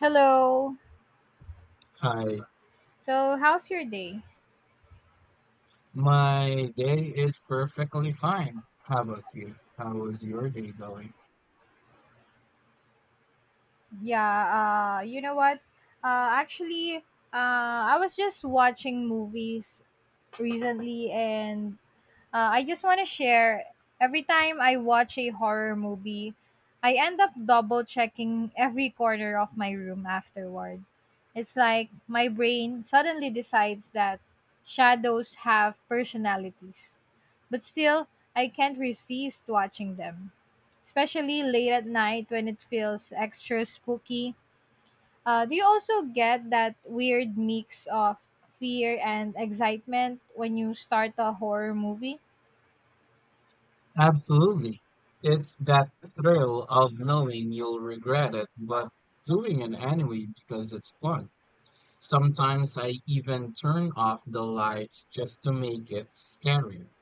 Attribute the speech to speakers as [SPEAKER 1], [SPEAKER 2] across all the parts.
[SPEAKER 1] Hello.
[SPEAKER 2] Hi,
[SPEAKER 1] So, how's your day?
[SPEAKER 2] my day is perfectly fine. How about you? How is your day going?
[SPEAKER 1] Yeah, you know what? Actually, I was just watching movies recently and I just want to share every time I watch a horror movie, I end up double checking every corner of my room afterward. It's like my brain suddenly decides that shadows have personalities. But still, I can't resist watching them, especially late at night when it feels extra spooky. Do you also get that weird mix of fear and excitement when you start a horror movie?
[SPEAKER 2] Absolutely. It's that thrill of knowing you'll regret it, but doing it anyway because it's fun. Sometimes I even turn off the lights just to make it scarier.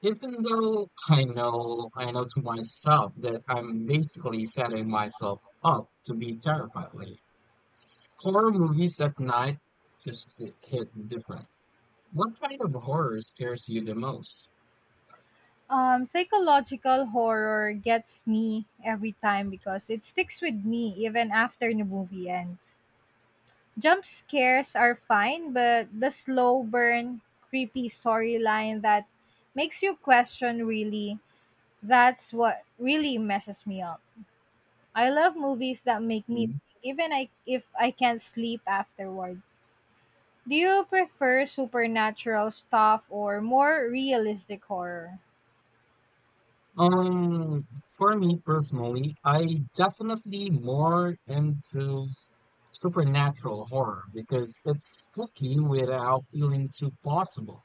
[SPEAKER 2] Even though I know to myself that I'm basically setting myself up to be terrified later. Horror movies at night just hit different. What kind of horror scares you the most?
[SPEAKER 1] Psychological horror gets me every time because it sticks with me even after the movie ends. Jump scares are fine, but the slow burn, creepy storyline that makes you question really that's what really messes me up. I love movies that make me think,
[SPEAKER 2] Mhm.
[SPEAKER 1] even if I can't sleep afterward. Do you prefer supernatural stuff or more realistic horror?
[SPEAKER 2] Um, for me personally, I definitely more into supernatural horror because it's spooky without feeling too possible.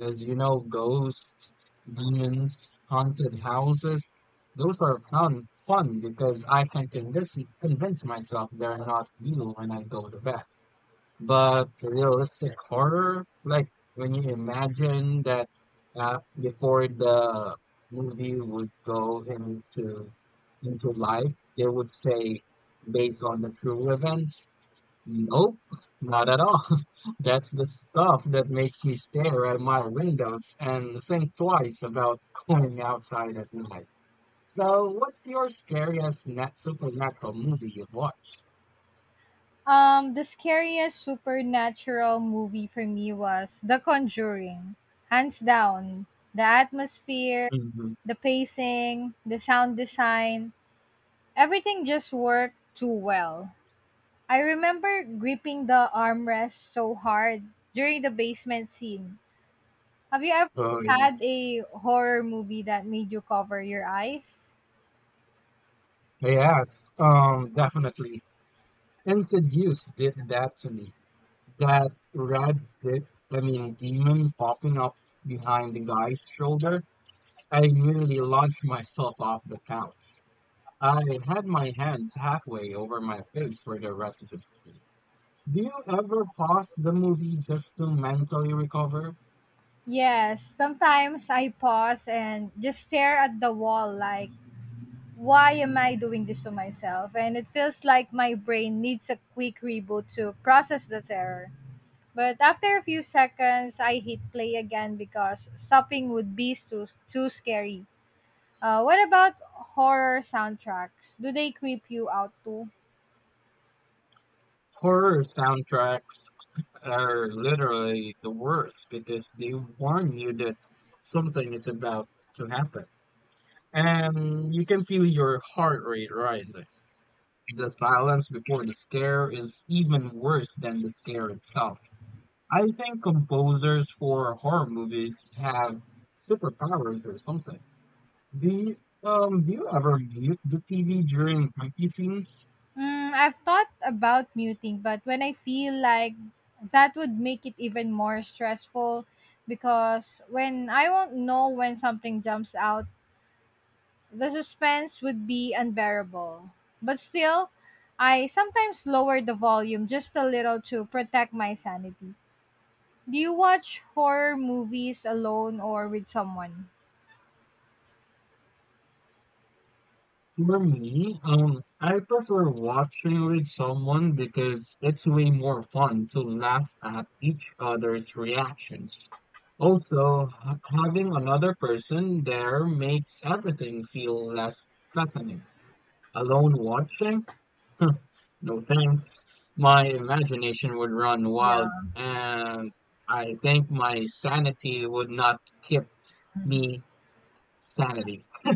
[SPEAKER 2] As you know, ghosts, demons, haunted houses, those are fun because I can convince myself they're not real when I go to bed. But realistic horror, like when you imagine that before the movie would go into life, they would say based on the true events. Nope, not at all. That's the stuff that makes me stare at my windows and think twice about going outside at night. So, what's your scariest nat supernatural movie you've watched?
[SPEAKER 1] The scariest supernatural movie for me was The Conjuring. Hands down. The atmosphere,
[SPEAKER 2] Mhm.
[SPEAKER 1] the pacing, the sound design, everything just worked too well. I remember gripping the armrest so hard during the basement scene. Have you ever
[SPEAKER 2] Oh, yeah.
[SPEAKER 1] had a horror movie that made you cover your eyes?
[SPEAKER 2] Yes, definitely. And Seduce did that to me. That red, de- I mean, demon popping up behind the guy's shoulder. I nearly launched myself off the couch. I had my hands halfway over my face for the rest of the movie. Do you ever pause the movie just to mentally recover?
[SPEAKER 1] Yes, sometimes I pause and just stare at the wall like, why am I doing this to myself? And it feels like my brain needs a quick reboot to process the terror. But after a few seconds, I hit play again because stopping would be too scary. What about horror soundtracks? Do they creep you out too?
[SPEAKER 2] Horror soundtracks are literally the worst because they warn you that something is about to happen. And you can feel your heart rate rising. The silence before the scare is even worse than the scare itself. I think composers for horror movies have superpowers or something. Do you do you ever mute the TV during creepy scenes?
[SPEAKER 1] Mm, I've thought about muting, but when I feel like that would make it even more stressful because when I won't know when something jumps out, the suspense would be unbearable. But still, I sometimes lower the volume just a little to protect my sanity. Do you watch horror movies alone or with someone?
[SPEAKER 2] For me, I prefer watching with someone because it's way more fun to laugh at each other's reactions. Also, ha- having another person there makes everything feel less threatening. Alone watching? No thanks. My imagination would run
[SPEAKER 1] Yeah.
[SPEAKER 2] wild, and I think my sanity would not keep me. Sanity.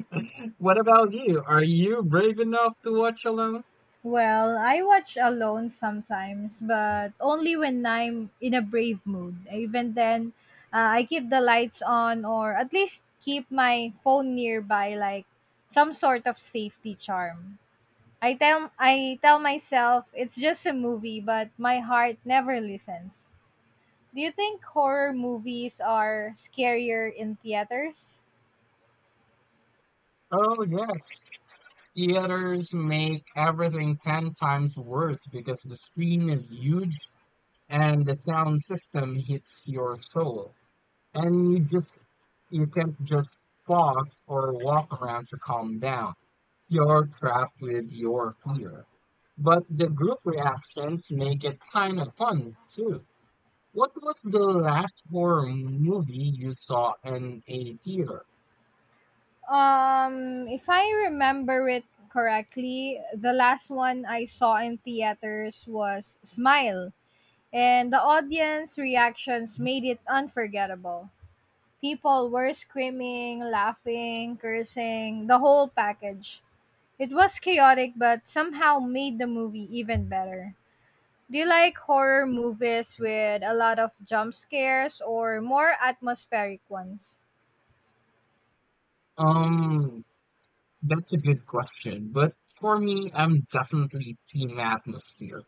[SPEAKER 2] What about you? Are you brave enough to watch alone?
[SPEAKER 1] Well, I watch alone sometimes, but only when I'm in a brave mood. Even then, I keep the lights on or at least keep my phone nearby like some sort of safety charm. I tell myself it's just a movie, but my heart never listens. Do you think horror movies are scarier in theaters?
[SPEAKER 2] Oh, yes. Theaters make everything 10 times worse because the screen is huge and the sound system hits your soul. And you just, you can't just pause or walk around to calm down. You're trapped with your fear. But the group reactions make it kind of fun too. What was the last horror movie you saw in a theater?
[SPEAKER 1] If I remember it correctly, the last one I saw in theaters was Smile, and the audience reactions made it unforgettable. People were screaming, laughing, cursing, the whole package. It was chaotic but somehow made the movie even better. Do you like horror movies with a lot of jump scares or more atmospheric ones?
[SPEAKER 2] Um, that's a good question, but for me, I'm definitely team atmosphere.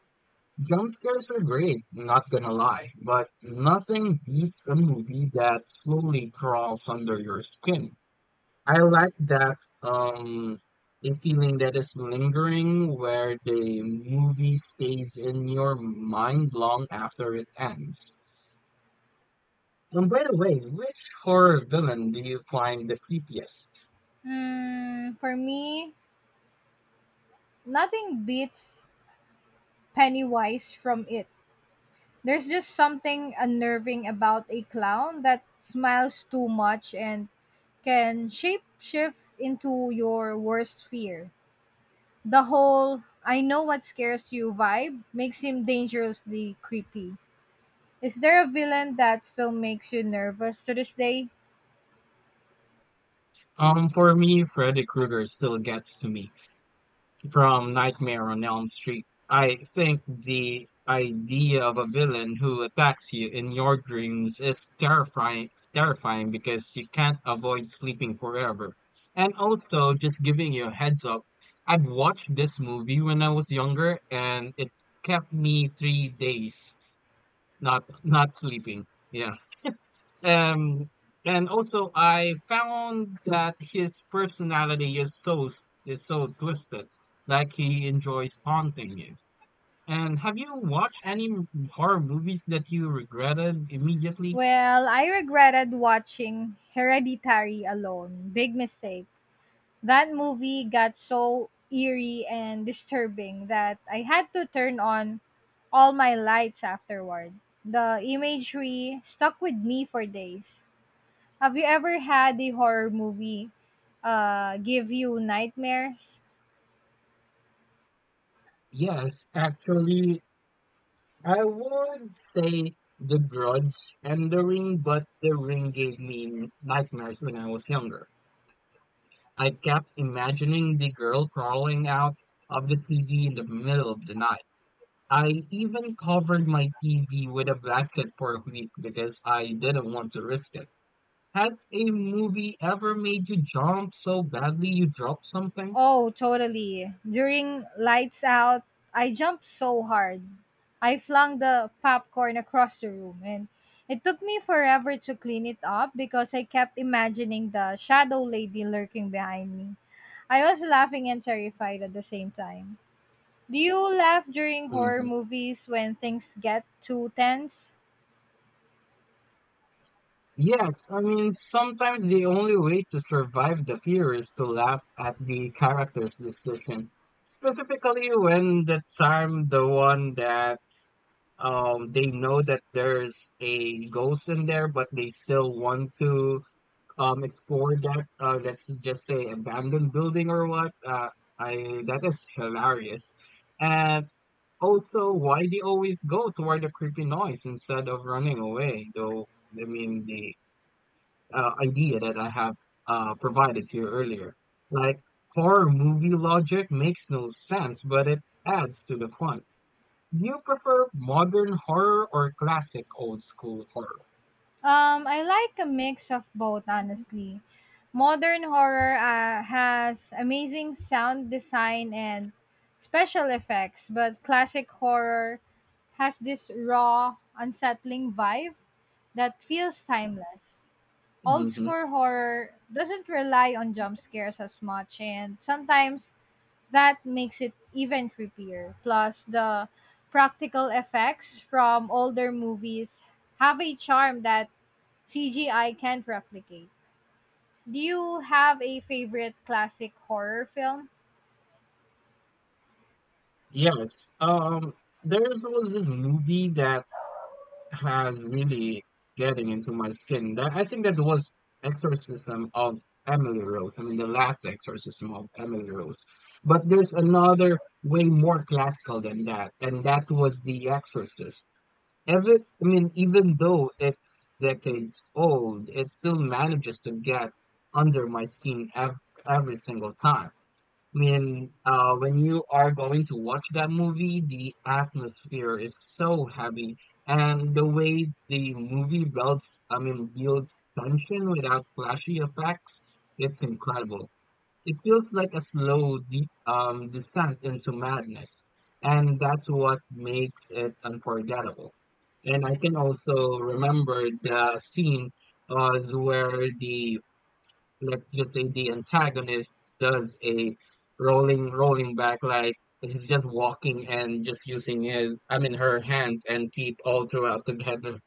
[SPEAKER 2] Jump scares are great, not gonna lie, but nothing beats a movie that slowly crawls under your skin. I like that um a feeling that is lingering where the movie stays in your mind long after it ends. And by the way, which horror villain do you find the creepiest?
[SPEAKER 1] Hmm, for me, nothing beats Pennywise from it. There's just something unnerving about a clown that smiles too much and can shapeshift into your worst fear. The whole I know what scares you vibe makes him dangerously creepy. Is there a villain that still makes you nervous to this day?
[SPEAKER 2] For me, Freddy Krueger still gets to me. From Nightmare on Elm Street, I think the idea of a villain who attacks you in your dreams is terrifying because you can't avoid sleeping forever. And also, just giving you a heads up, I've watched this movie when I was younger, and it kept me 3 days not sleeping. Yeah. Um, and also, I found that his personality is so s- is so twisted. Like he enjoys taunting you. And have you watched any m- horror movies that you regretted immediately?
[SPEAKER 1] Well, I regretted watching Hereditary alone. Big mistake. That movie got so eerie and disturbing that I had to turn on all my lights afterward. The imagery stuck with me for days. Have you ever had a horror movie give you nightmares?
[SPEAKER 2] Yes, actually, I would say The Grudge and The Ring, but The Ring gave me n- nightmares when I was younger. I kept imagining the girl crawling out of the TV in the middle of the night. I even covered my TV with a blanket for a week because I didn't want to risk it. Has a movie ever made you jump so badly you dropped something?
[SPEAKER 1] Oh, totally. During lights out, I jumped so hard. I flung the popcorn across the room and it took me forever to clean it up because I kept imagining the shadow lady lurking behind me. I was laughing and terrified at the same time. Do you laugh during horror
[SPEAKER 2] hmm
[SPEAKER 1] movies when things get too tense?
[SPEAKER 2] Yes, I mean, sometimes the only way to survive the fear is to laugh at the character's decision. Specifically, when the time the one that they know that there's a ghost in there, but they still want to explored that let's just say abandoned building or what I that is hilarious. And also why they always go toward the creepy noise instead of running away, though. I mean, the idea that I have provided to you earlier, like, horror movie logic makes no sense, but it adds to the fun. Do you prefer modern horror or classic old school horror?
[SPEAKER 1] I like a mix of both, honestly. Modern horror has amazing sound design and special effects, but classic horror has this raw, unsettling vibe that feels timeless. Old
[SPEAKER 2] hmm
[SPEAKER 1] school horror doesn't rely on jump scares as much, and sometimes that makes it even creepier. Plus, the practical effects from older movies have a charm that CGI can't replicate. Do you have a favorite classic horror film?
[SPEAKER 2] Yes. There's was this movie that has really getting into my skin. That I think that was Exorcism of Emily Rose. I mean, the last Exorcism of Emily Rose. But there's another way more classical than that, and that was The Exorcist. Ever, I mean, even though it's decades old, it still manages to get under my skin ev every single time. Mean, when you are going to watch that movie, the atmosphere is so heavy, and the way the movie builds, I mean, builds tension without flashy effects, it's incredible. It feels like a slow de descent into madness, and that's what makes it unforgettable. And I can also remember the scene where the let's just say the antagonist does a rolling back like he's just walking and just using his I mean her hands and feet all throughout together.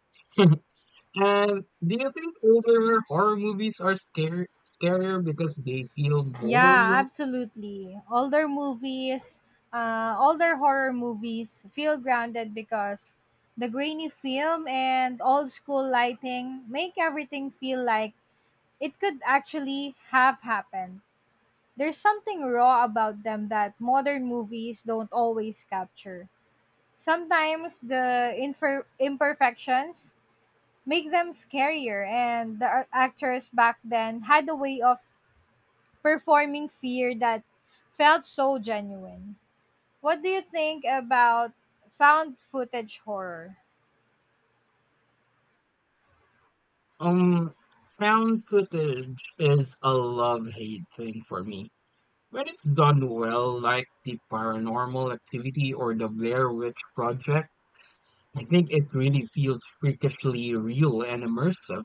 [SPEAKER 2] And do you think older horror movies are scare scarier because they feel more
[SPEAKER 1] Yeah,
[SPEAKER 2] real?
[SPEAKER 1] absolutely. Older movies, older horror movies feel grounded because the grainy film and old school lighting make everything feel like it could actually have happened. There's something raw about them that modern movies don't always capture. Sometimes the imperfections make them scarier. And the actors back then had a way of performing fear that felt so genuine. What do you think about found footage horror?
[SPEAKER 2] Um found footage is a love hate thing for me. When it's done well, like the paranormal activity or the Blair Witch Project, I think it really feels freakishly real and immersive.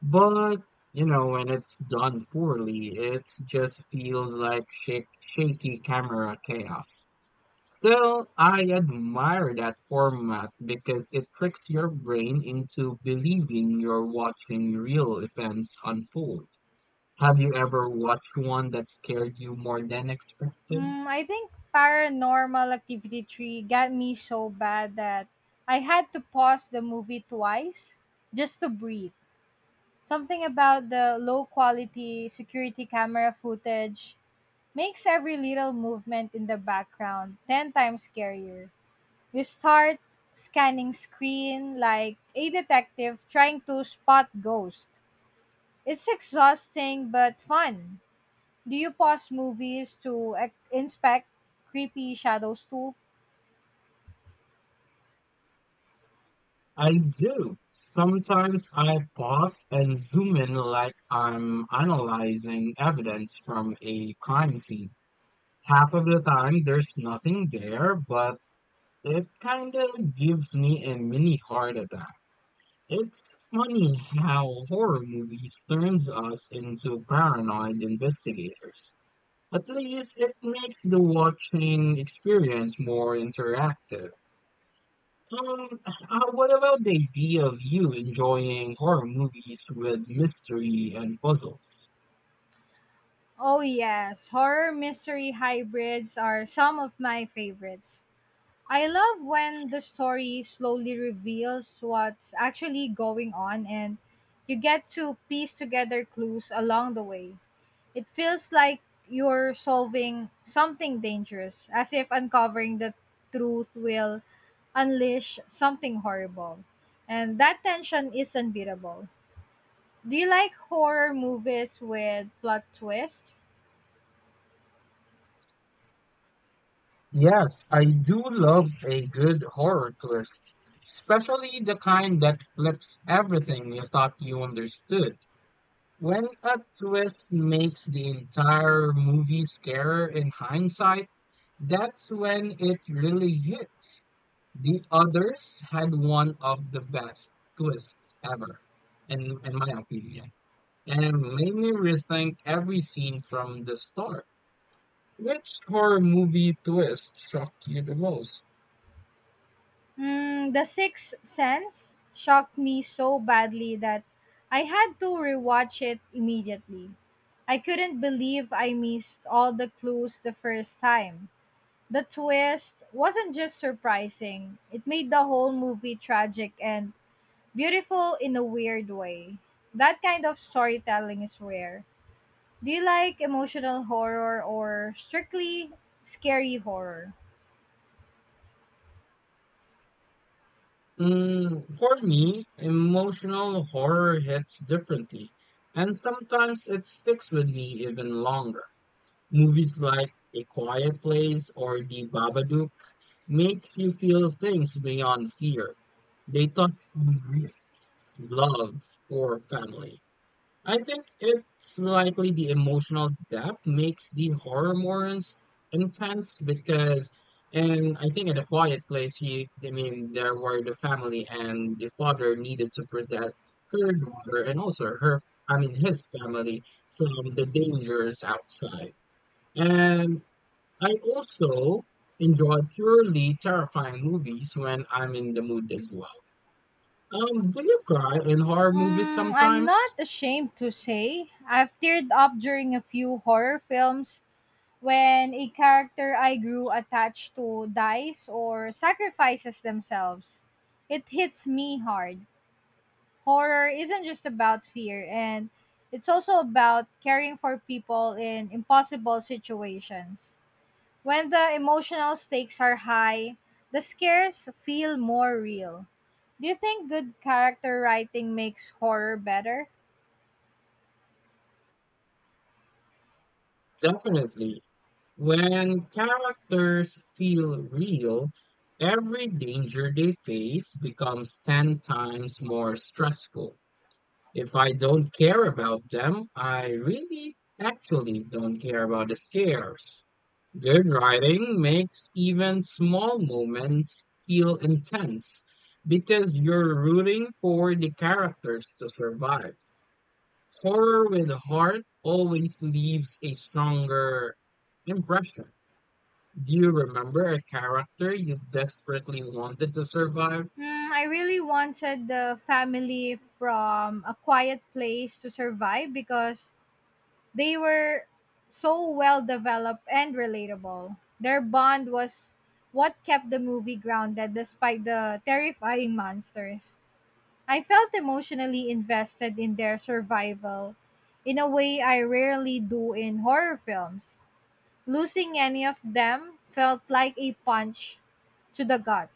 [SPEAKER 2] But, you know, when it's done poorly, it just feels like shak shaky camera chaos. Still, I admire that format because it tricks your brain into believing you're watching real events unfold. Have you ever watched one that scared you more than expected?
[SPEAKER 1] Mm, I think Paranormal Activity 3 got me so bad that I had to pause the movie twice just to breathe. Something about the low quality security camera footage makes every little movement in the background 10 times scarier. You start scanning screen like a detective trying to spot ghosts. It's exhausting but fun. Do you pause movies to inspect creepy shadows too?
[SPEAKER 2] I do. Sometimes I pause and zoom in like I'm analyzing evidence from a crime scene. Half of the time, there's nothing there, but it kind of gives me a mini heart attack. It's funny how horror movies turns us into paranoid investigators. At least it makes the watching experience more interactive. Um, what about the idea of you enjoying horror movies with mystery and puzzles?
[SPEAKER 1] Oh yes, horror mystery hybrids are some of my favorites. I love when the story slowly reveals what's actually going on and you get to piece together clues along the way. It feels like you're solving something dangerous, as if uncovering the truth will unleash something horrible. And that tension is unbeatable. Do you like horror movies with plot twists?
[SPEAKER 2] Yes, I do love a good horror twist, especially the kind that flips everything you thought you understood. When a twist makes the entire movie scarier in hindsight, that's when it really hits. The others had one of the best twists ever, in my opinion. And made me rethink every scene from the start. Which horror movie twist shocked you the most?
[SPEAKER 1] Mm, the Sixth Sense shocked me so badly that I had to rewatch it immediately. I couldn't believe I missed all the clues the first time. The twist wasn't just surprising, it made the whole movie tragic and beautiful in a weird way. That kind of storytelling is rare. Do you like emotional horror or strictly scary horror?
[SPEAKER 2] For me, emotional horror hits differently, and sometimes it sticks with me even longer. Movies like A Quiet Place or The Babadook makes you feel things beyond fear. They touch on grief, love, or family. I think it's likely the emotional depth makes the horror more ins intense because, and I think in a quiet place, he, I mean, there were the family and the father needed to protect her daughter and also her, I mean, his family from the dangers outside. And I also enjoy purely terrifying movies when I'm in the mood as well. Do you cry in horror movies
[SPEAKER 1] Mm, I'm not
[SPEAKER 2] sometimes?
[SPEAKER 1] ashamed to say I've teared up during a few horror films when a character I grew attached to dies or sacrifices themselves. It hits me hard. Horror isn't just about fear, and it's also about caring for people in impossible situations. When the emotional stakes are high, the scares feel more real. Do you think good character writing makes horror better?
[SPEAKER 2] Definitely. When characters feel real, every danger they face becomes 10 times more stressful. If I don't care about them, I really actually don't care about the scares. Good writing makes even small moments feel intense because you're rooting for the characters to survive. Horror with a heart always leaves a stronger impression. Do you remember a character you desperately wanted to survive?
[SPEAKER 1] Hmm, I really wanted the family from a quiet place to survive because they were so well developed and relatable. Their bond was what kept the movie grounded despite the terrifying monsters. I felt emotionally invested in their survival in a way I rarely do in horror films. Losing any of them felt like a punch to the gut.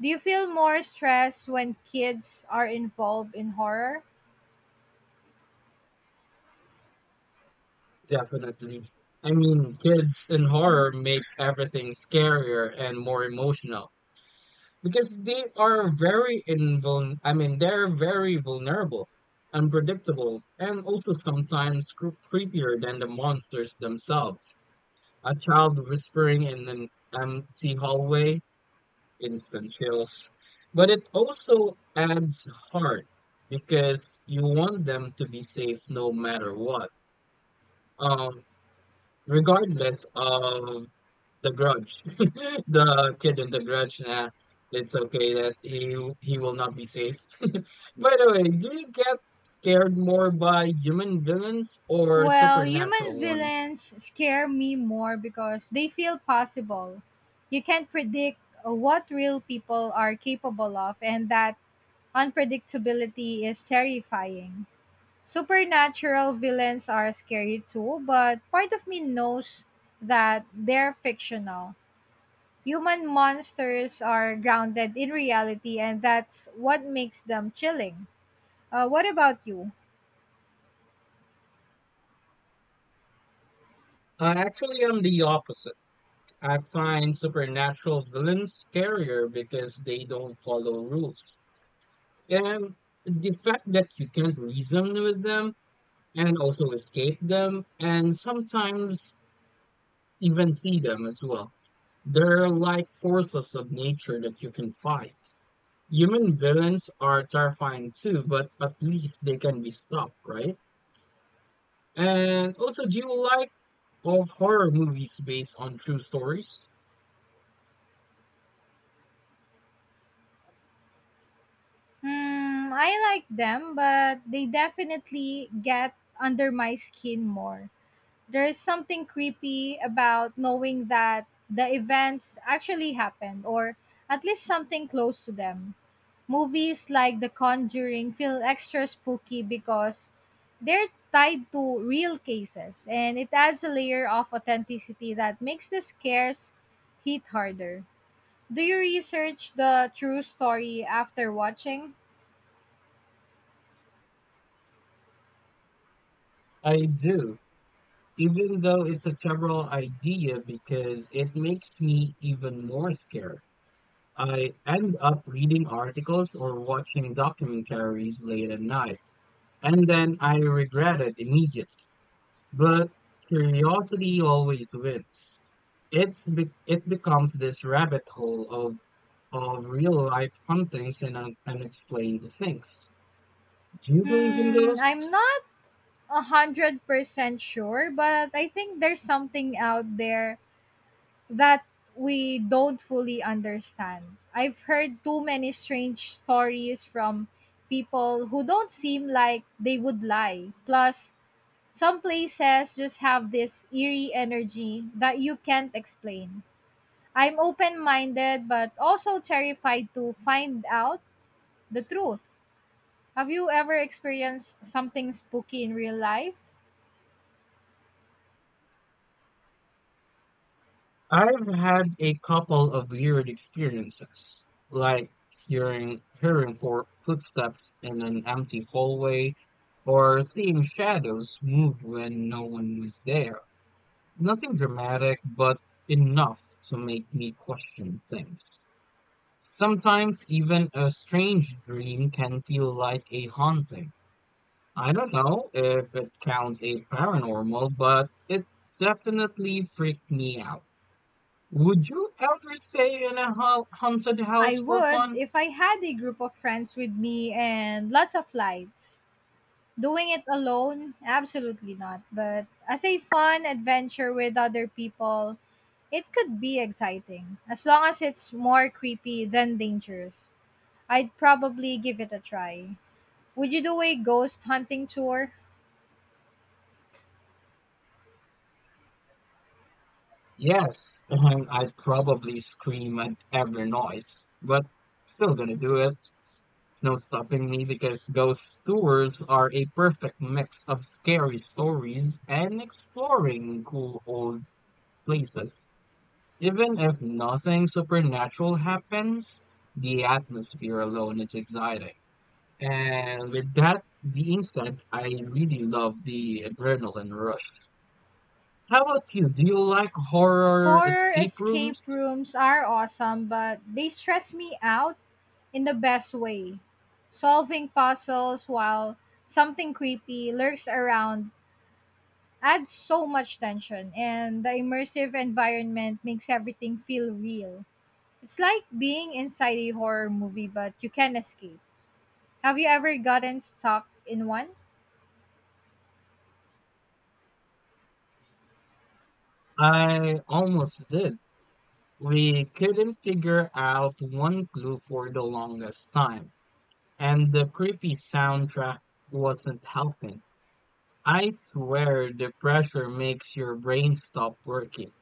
[SPEAKER 1] Do you feel more stress when kids are involved in horror?
[SPEAKER 2] Definitely. I mean, kids in horror make everything scarier and more emotional because they are very invul I mean, they're very vulnerable, unpredictable, and also sometimes cre- creepier than the monsters themselves. A child whispering in an empty hallway, instant chills, but it also adds heart because you want them to be safe no matter what. Um, Regardless of the grudge, the kid in the grudge, nah, it's okay that he will not be safe. By the way, do you get scared more by human villains or
[SPEAKER 1] Well, human
[SPEAKER 2] supernatural ones?
[SPEAKER 1] villains scare me more because they feel possible. You can't predict what real people are capable of, and that unpredictability is terrifying. Supernatural villains are scary too, but part of me knows that they're fictional. Human monsters are grounded in reality, and that's what makes them chilling. What about you?
[SPEAKER 2] I actually am the opposite. I find supernatural villains scarier because they don't follow rules. And the fact that you can't reason with them and also escape them and sometimes even see them as well. They're like forces of nature that you can fight. Human villains are terrifying too, but at least they can be stopped, right? And also, do you like all horror movies based on true stories?
[SPEAKER 1] Hmm, I like them, but they definitely get under my skin more. There's something creepy about knowing that the events actually happened, or at least something close to them. Movies like The Conjuring feel extra spooky because they're tied to real cases, and it adds a layer of authenticity that makes the scares hit harder. Do you research the true story after watching?
[SPEAKER 2] I do. Even though it's a terrible idea because it makes me even more scared. I end up reading articles or watching documentaries late at night, and then I regret it immediately. But curiosity always wins. It's be- it becomes this rabbit hole of real life hauntings and un- unexplained things. Do you believe in
[SPEAKER 1] Hmm, I'm
[SPEAKER 2] ghosts?
[SPEAKER 1] not 100% sure, but I think there's something out there that we don't fully understand. I've heard too many strange stories from people who don't seem like they would lie. Plus, some places just have this eerie energy that you can't explain. I'm open minded, but also terrified to find out the truth. Have you ever experienced something spooky in real life?
[SPEAKER 2] I've had a couple of weird experiences, like hearing for footsteps in an empty hallway or seeing shadows move when no one was there. Nothing dramatic, but enough to make me question things. Sometimes even a strange dream can feel like a haunting. I don't know if it counts a paranormal, but it definitely freaked me out. Would you ever stay in a haunted
[SPEAKER 1] I
[SPEAKER 2] house for
[SPEAKER 1] would
[SPEAKER 2] fun?
[SPEAKER 1] if I had a group of friends with me and lots of lights. Doing it alone, absolutely not. But as a fun adventure with other people, it could be exciting. As long as it's more creepy than dangerous, I'd probably give it a try. Would you do a ghost hunting tour?
[SPEAKER 2] Yes, and I'd probably scream at every noise, but still gonna do it. It's no stopping me because ghost tours are a perfect mix of scary stories and exploring cool old places. Even if nothing supernatural happens, the atmosphere alone is exciting. And with that being said, I really love the adrenaline rush. How about you? Do you like horror
[SPEAKER 1] Horror
[SPEAKER 2] escape
[SPEAKER 1] escape
[SPEAKER 2] rooms?
[SPEAKER 1] rooms are awesome, but they stress me out in the best way, solving puzzles while something creepy lurks around adds so much tension, and the immersive environment makes everything feel real. It's like being inside a horror movie, but you can escape. Have you ever gotten stuck in one?
[SPEAKER 2] I almost did. We couldn't figure out one clue for the longest time, and the creepy soundtrack wasn't helping. I swear the pressure makes your brain stop working.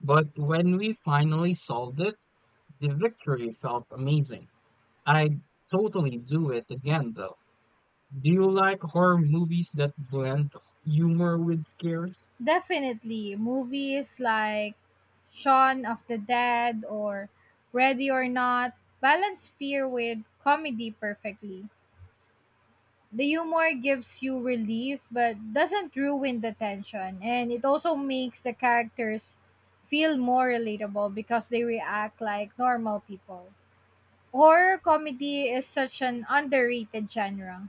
[SPEAKER 2] But when we finally solved it, the victory felt amazing. I'd totally do it again though. Do you like horror movies that blend humor with scares?
[SPEAKER 1] Definitely. Movies like Shaun of the Dead or Ready or Not balance fear with comedy perfectly. The humor gives you relief but doesn't ruin the tension, and it also makes the characters feel more relatable because they react like normal people. Horror comedy is such an underrated genre.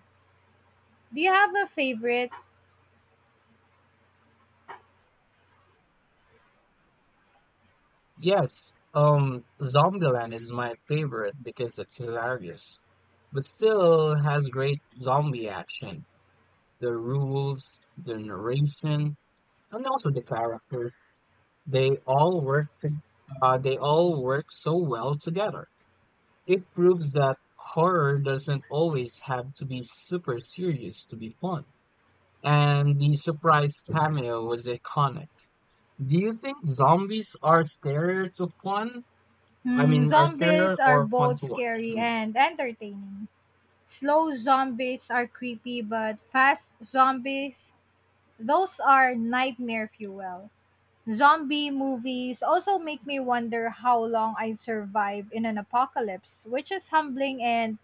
[SPEAKER 1] Do you have a favorite?
[SPEAKER 2] Yes, Zombieland is my favorite because it's hilarious, but still has great zombie action. The rules, the narration, and also the characters. They all work. to- they all work so well together. It proves that horror doesn't always have to be super serious to be fun. And the surprise cameo was iconic. Do you think zombies are scarier to fun
[SPEAKER 1] Hmm,
[SPEAKER 2] are scary
[SPEAKER 1] zombies are
[SPEAKER 2] or fun
[SPEAKER 1] both
[SPEAKER 2] to watch.
[SPEAKER 1] scary
[SPEAKER 2] Me.
[SPEAKER 1] and entertaining. Slow zombies are creepy, but fast zombies, those are nightmare fuel. Zombie movies also make me wonder how long I'd survive in an apocalypse, which is humbling and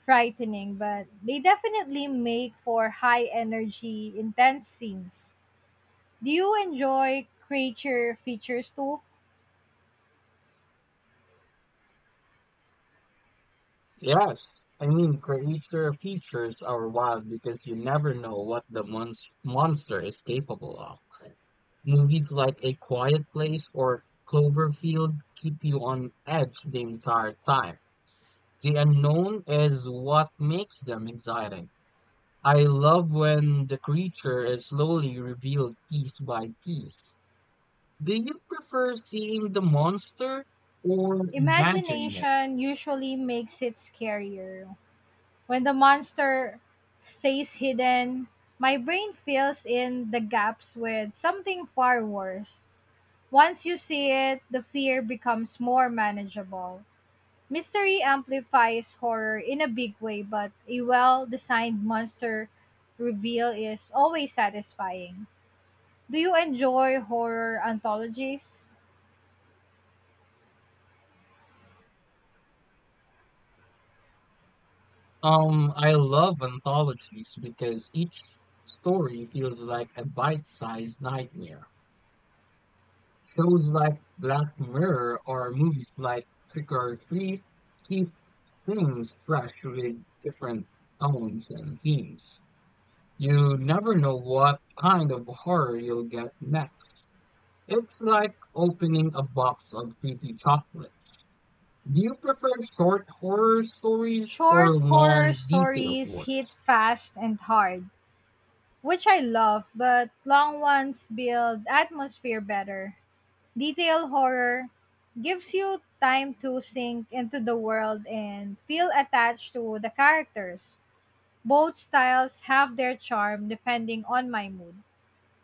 [SPEAKER 1] frightening, but they definitely make for high energy, intense scenes. Do you enjoy creature features too?
[SPEAKER 2] Yes. I mean, creature features are wild because you never know what the monster is capable of. Movies like A Quiet Place or Cloverfield keep you on edge the entire time. The unknown is what makes them exciting. I love when the creature is slowly revealed piece by piece. Do you prefer seeing the monster or imagining it?
[SPEAKER 1] Imagination usually makes it scarier. When the monster stays hidden, my brain fills in the gaps with something far worse. Once you see it, the fear becomes more manageable. Mystery amplifies horror in a big way, but a well designed monster reveal is always satisfying. Do you enjoy horror anthologies?
[SPEAKER 2] I love anthologies because each story feels like a bite-sized nightmare. Shows like Black Mirror or movies like Trick or Treat keep things fresh with different tones and themes. You never know what kind of horror you'll get next. It's like opening a box of creepy chocolates. Do you prefer short horror stories or
[SPEAKER 1] Short horror
[SPEAKER 2] long, detailed
[SPEAKER 1] stories hit
[SPEAKER 2] ones?
[SPEAKER 1] fast and hard, which I love, but long ones build atmosphere better. Detail horror gives you time to sink into the world and feel attached to the characters. Both styles have their charm depending on my mood.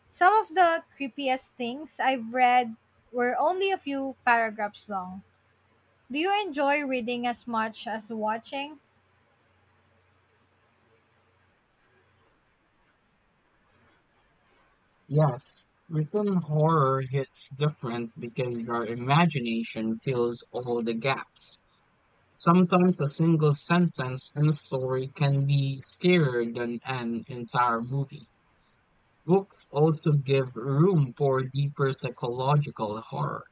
[SPEAKER 1] Some of the creepiest things I've read were only a few paragraphs long. Do you enjoy reading as much as watching?
[SPEAKER 2] Yes, written horror hits different because your imagination fills all the gaps. Sometimes a single sentence in a story can be scarier than an entire movie. Books also give room for deeper psychological horror.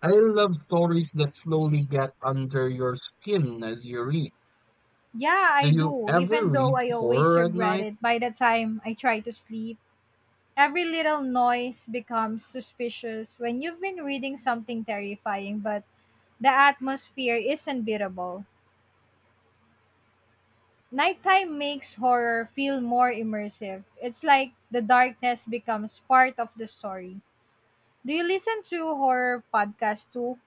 [SPEAKER 2] I love stories that slowly get under your skin as you read.
[SPEAKER 1] Yeah,
[SPEAKER 2] Do
[SPEAKER 1] I
[SPEAKER 2] you
[SPEAKER 1] do,
[SPEAKER 2] ever
[SPEAKER 1] even though
[SPEAKER 2] read
[SPEAKER 1] I always
[SPEAKER 2] horror at
[SPEAKER 1] regret
[SPEAKER 2] night?
[SPEAKER 1] it by the time I try to sleep. Every little noise becomes suspicious when you've been reading something terrifying, but the atmosphere is unbeatable. Nighttime makes horror feel more immersive. It's like the darkness becomes part of the story. Do you listen to horror podcasts too?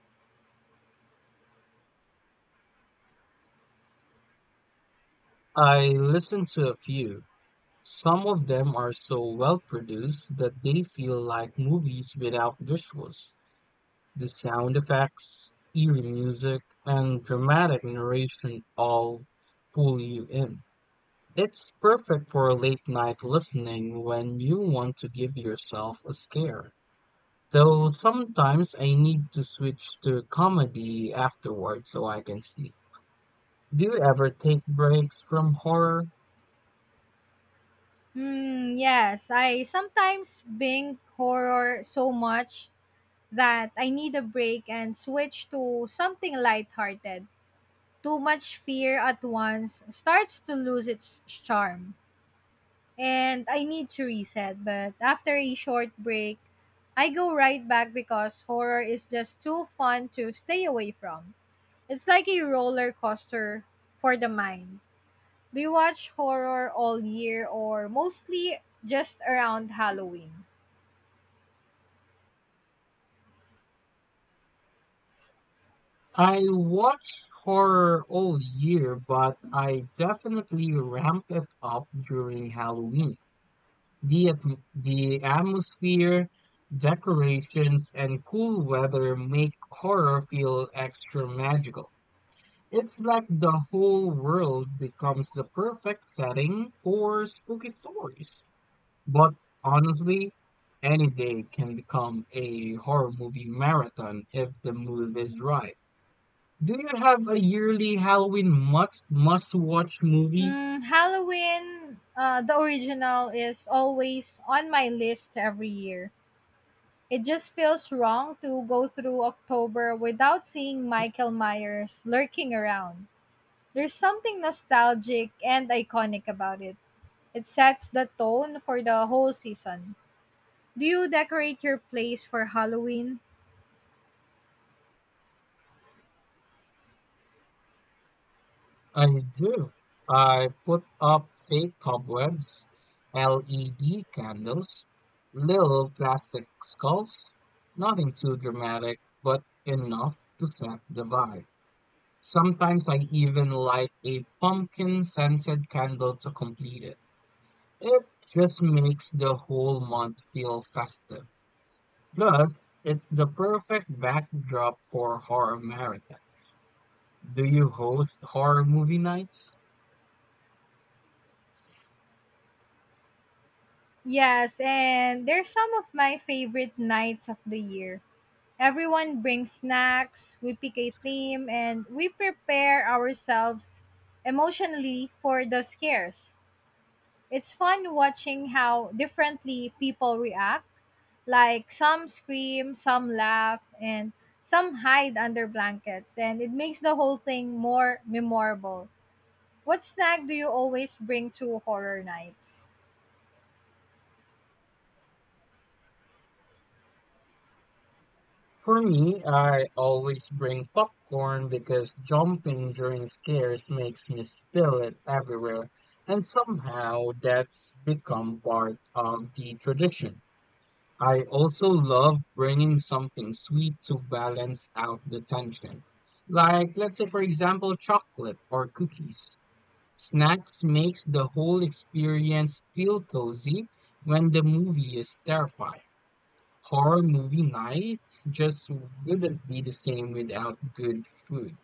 [SPEAKER 2] I listen to a few. Some of them are so well-produced that they feel like movies without visuals. The sound effects, eerie music, and dramatic narration all pull you in. It's perfect for late night listening when you want to give yourself a scare. Though sometimes I need to switch to comedy afterward so I can sleep. Do you ever take breaks from horror?
[SPEAKER 1] Hmm, yes. I sometimes binge horror so much that I need a break and switch to something lighthearted. Too much fear at once starts to lose its charm, and I need to reset. But after a short break, I go right back because horror is just too fun to stay away from. It's like a roller coaster for the mind. Do you watch horror all year or mostly just around Halloween?
[SPEAKER 2] I watch horror all year, but I definitely ramp it up during Halloween. The atmosphere, decorations, and cool weather make horror feel extra magical. It's like the whole world becomes the perfect setting for spooky stories. But honestly, any day can become a horror movie marathon if the mood is right. Do you have a yearly Halloween must watch movie?
[SPEAKER 1] Halloween, the original, is always on my list every year. It just feels wrong to go through October without seeing Michael Myers lurking around. There's something nostalgic and iconic about it. It sets the tone for the whole season. Do you decorate your place for Halloween?
[SPEAKER 2] I do. I put up fake cobwebs, LED candles, little plastic skulls. Nothing too dramatic, but enough to set the vibe. Sometimes I even light a pumpkin scented candle to complete it. It just makes the whole month feel festive. Plus, it's the perfect backdrop for horror marathons. Do you host horror movie nights?
[SPEAKER 1] Yes, and they're some of my favorite nights of the year. Everyone brings snacks, we pick a theme, and we prepare ourselves emotionally for the scares. It's fun watching how differently people react. Like some scream, some laugh, and some hide under blankets, and it makes the whole thing more memorable. What snack do you always bring to horror nights?
[SPEAKER 2] For me, I always bring popcorn because jumping during scares makes me spill it everywhere, and somehow that's become part of the tradition. I also love bringing something sweet to balance out the tension. Like, let's say, for example, chocolate or cookies. Snacks makes the whole experience feel cozy when the movie is terrifying. Horror movie nights just wouldn't be the same without good food.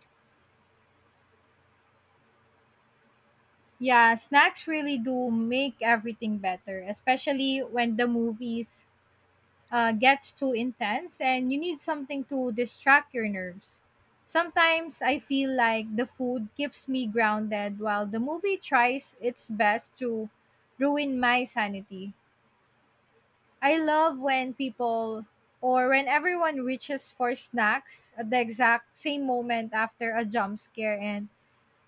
[SPEAKER 1] Yeah, snacks really do make everything better, especially when the movies gets too intense and you need something to distract your nerves. Sometimes I feel like the food keeps me grounded while the movie tries its best to ruin my sanity. I love when people or when everyone reaches for snacks at the exact same moment after a jump scare and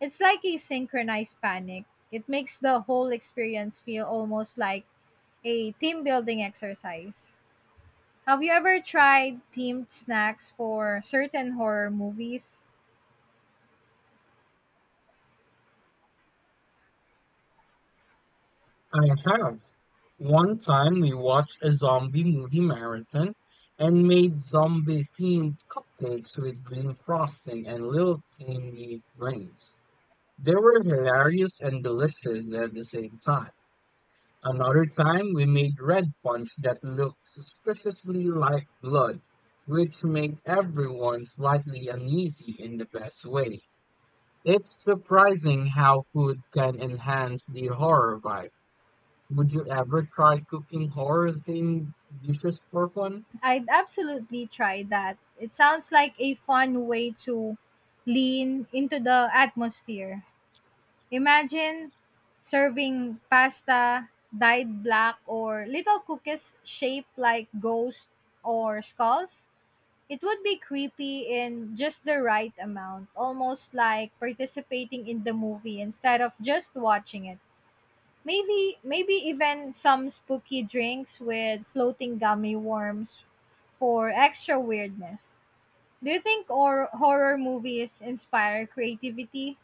[SPEAKER 1] it's like a synchronized panic. It makes the whole experience feel almost like a team building exercise. Have you ever tried themed snacks for certain horror movies?
[SPEAKER 2] I have. One time we watched a zombie movie marathon and made zombie themed cupcakes with green frosting and little candy brains. They were hilarious and delicious at the same time. Another time, we made red punch that looked suspiciously like blood, which made everyone slightly uneasy in the best way. It's surprising how food can enhance the horror vibe. Would you ever try cooking horror themed dishes for fun?
[SPEAKER 1] I'd absolutely try that. It sounds like a fun way to lean into the atmosphere. Imagine serving pasta dyed black or little cookies shaped like ghosts or skulls. It would be creepy in just the right amount, almost like participating in the movie instead of just watching it. Maybe even some spooky drinks with floating gummy worms for extra weirdness. Do you think or horror movies inspire creativity?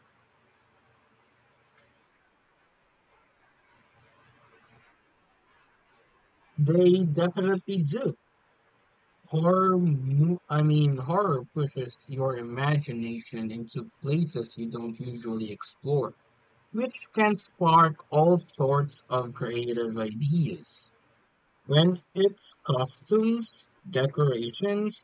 [SPEAKER 2] They definitely do. Horror, mo- I mean, horror pushes your imagination into places you don't usually explore, which can spark all sorts of creative ideas when it's costumes, decorations,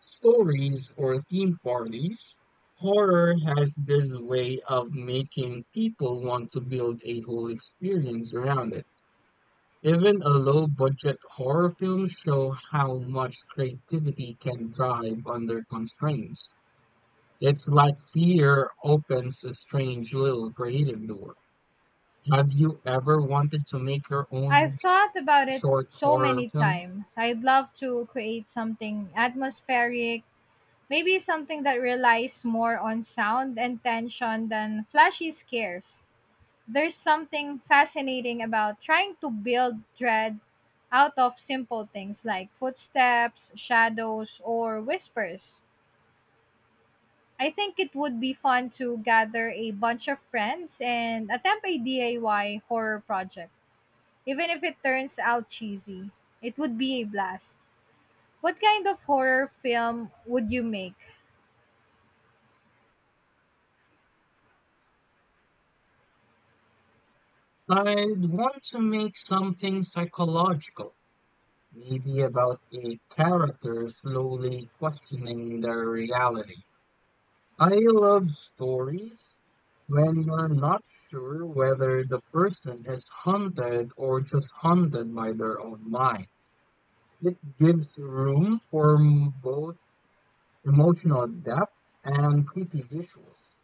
[SPEAKER 2] stories, or theme parties. Horror has this way of making people want to build a whole experience around it. Even a low budget horror film show how much creativity can thrive under constraints. It's like fear opens a strange little creative door. Have you ever wanted to make your own
[SPEAKER 1] I've thought about it
[SPEAKER 2] short
[SPEAKER 1] so
[SPEAKER 2] horror
[SPEAKER 1] many
[SPEAKER 2] film?
[SPEAKER 1] times. I'd love to create something atmospheric, maybe something that relies more on sound and tension than flashy scares. There's something fascinating about trying to build dread out of simple things like footsteps, shadows, or whispers. I think it would be fun to gather a bunch of friends and attempt a DIY horror project. Even if it turns out cheesy, it would be a blast. What kind of horror film would you make?
[SPEAKER 2] I'd want to make something psychological, maybe about a character slowly questioning their reality. I love stories when you're not sure whether the person is haunted or just haunted by their own mind. It gives room for both emotional depth and creepy visuals.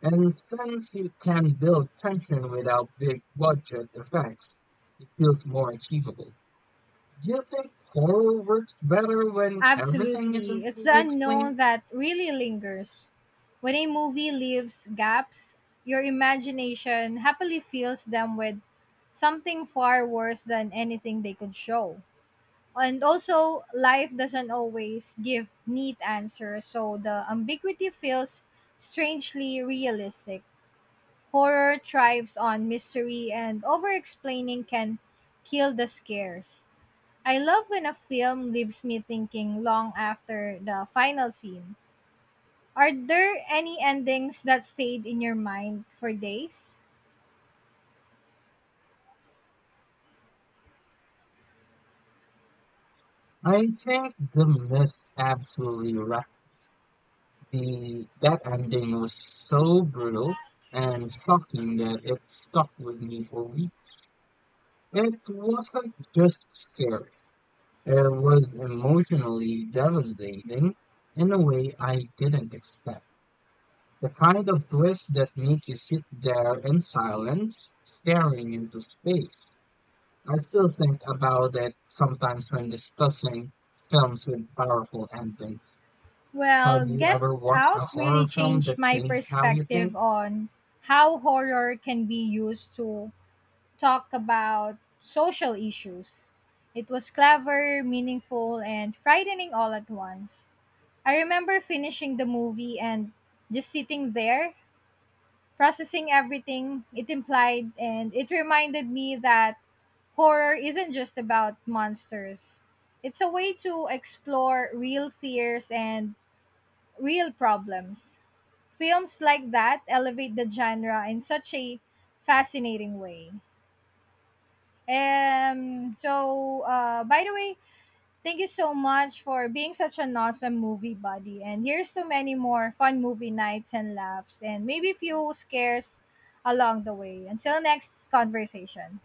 [SPEAKER 2] And since you can build tension without big budget effects, it feels more achievable. Do you think horror works better when everything isn't
[SPEAKER 1] Absolutely. It's
[SPEAKER 2] fully
[SPEAKER 1] the
[SPEAKER 2] explained?
[SPEAKER 1] unknown that really lingers. When a movie leaves gaps, your imagination happily fills them with something far worse than anything they could show. And also, life doesn't always give neat answers, so the ambiguity feels strangely realistic. Horror thrives on mystery, and over explaining can kill the scares. I love when a film leaves me thinking long after the final scene. Are there any endings that stayed in your mind for days?
[SPEAKER 2] I think The Mist absolutely wrecked the That ending was so brutal and shocking that it stuck with me for weeks. It wasn't just scary. It was emotionally devastating in a way I didn't expect. The kind of twists that make you sit there in silence, staring into space. I still think about it sometimes when discussing films with powerful endings.
[SPEAKER 1] Well,
[SPEAKER 2] Have you
[SPEAKER 1] Get
[SPEAKER 2] ever watched
[SPEAKER 1] Out
[SPEAKER 2] a
[SPEAKER 1] really
[SPEAKER 2] horror film
[SPEAKER 1] changed
[SPEAKER 2] that
[SPEAKER 1] my
[SPEAKER 2] changed how you
[SPEAKER 1] perspective
[SPEAKER 2] think?
[SPEAKER 1] on how horror can be used to talk about social issues. It was clever, meaningful, and frightening all at once. I remember finishing the movie and just sitting there processing everything it implied, and it reminded me that horror isn't just about monsters. It's a way to explore real fears and real problems. Films like that elevate the genre in such a fascinating way. By the way, thank you so much for being such an awesome movie buddy. And here's to many more fun movie nights and laughs, and maybe few scares along the way. Until next conversation.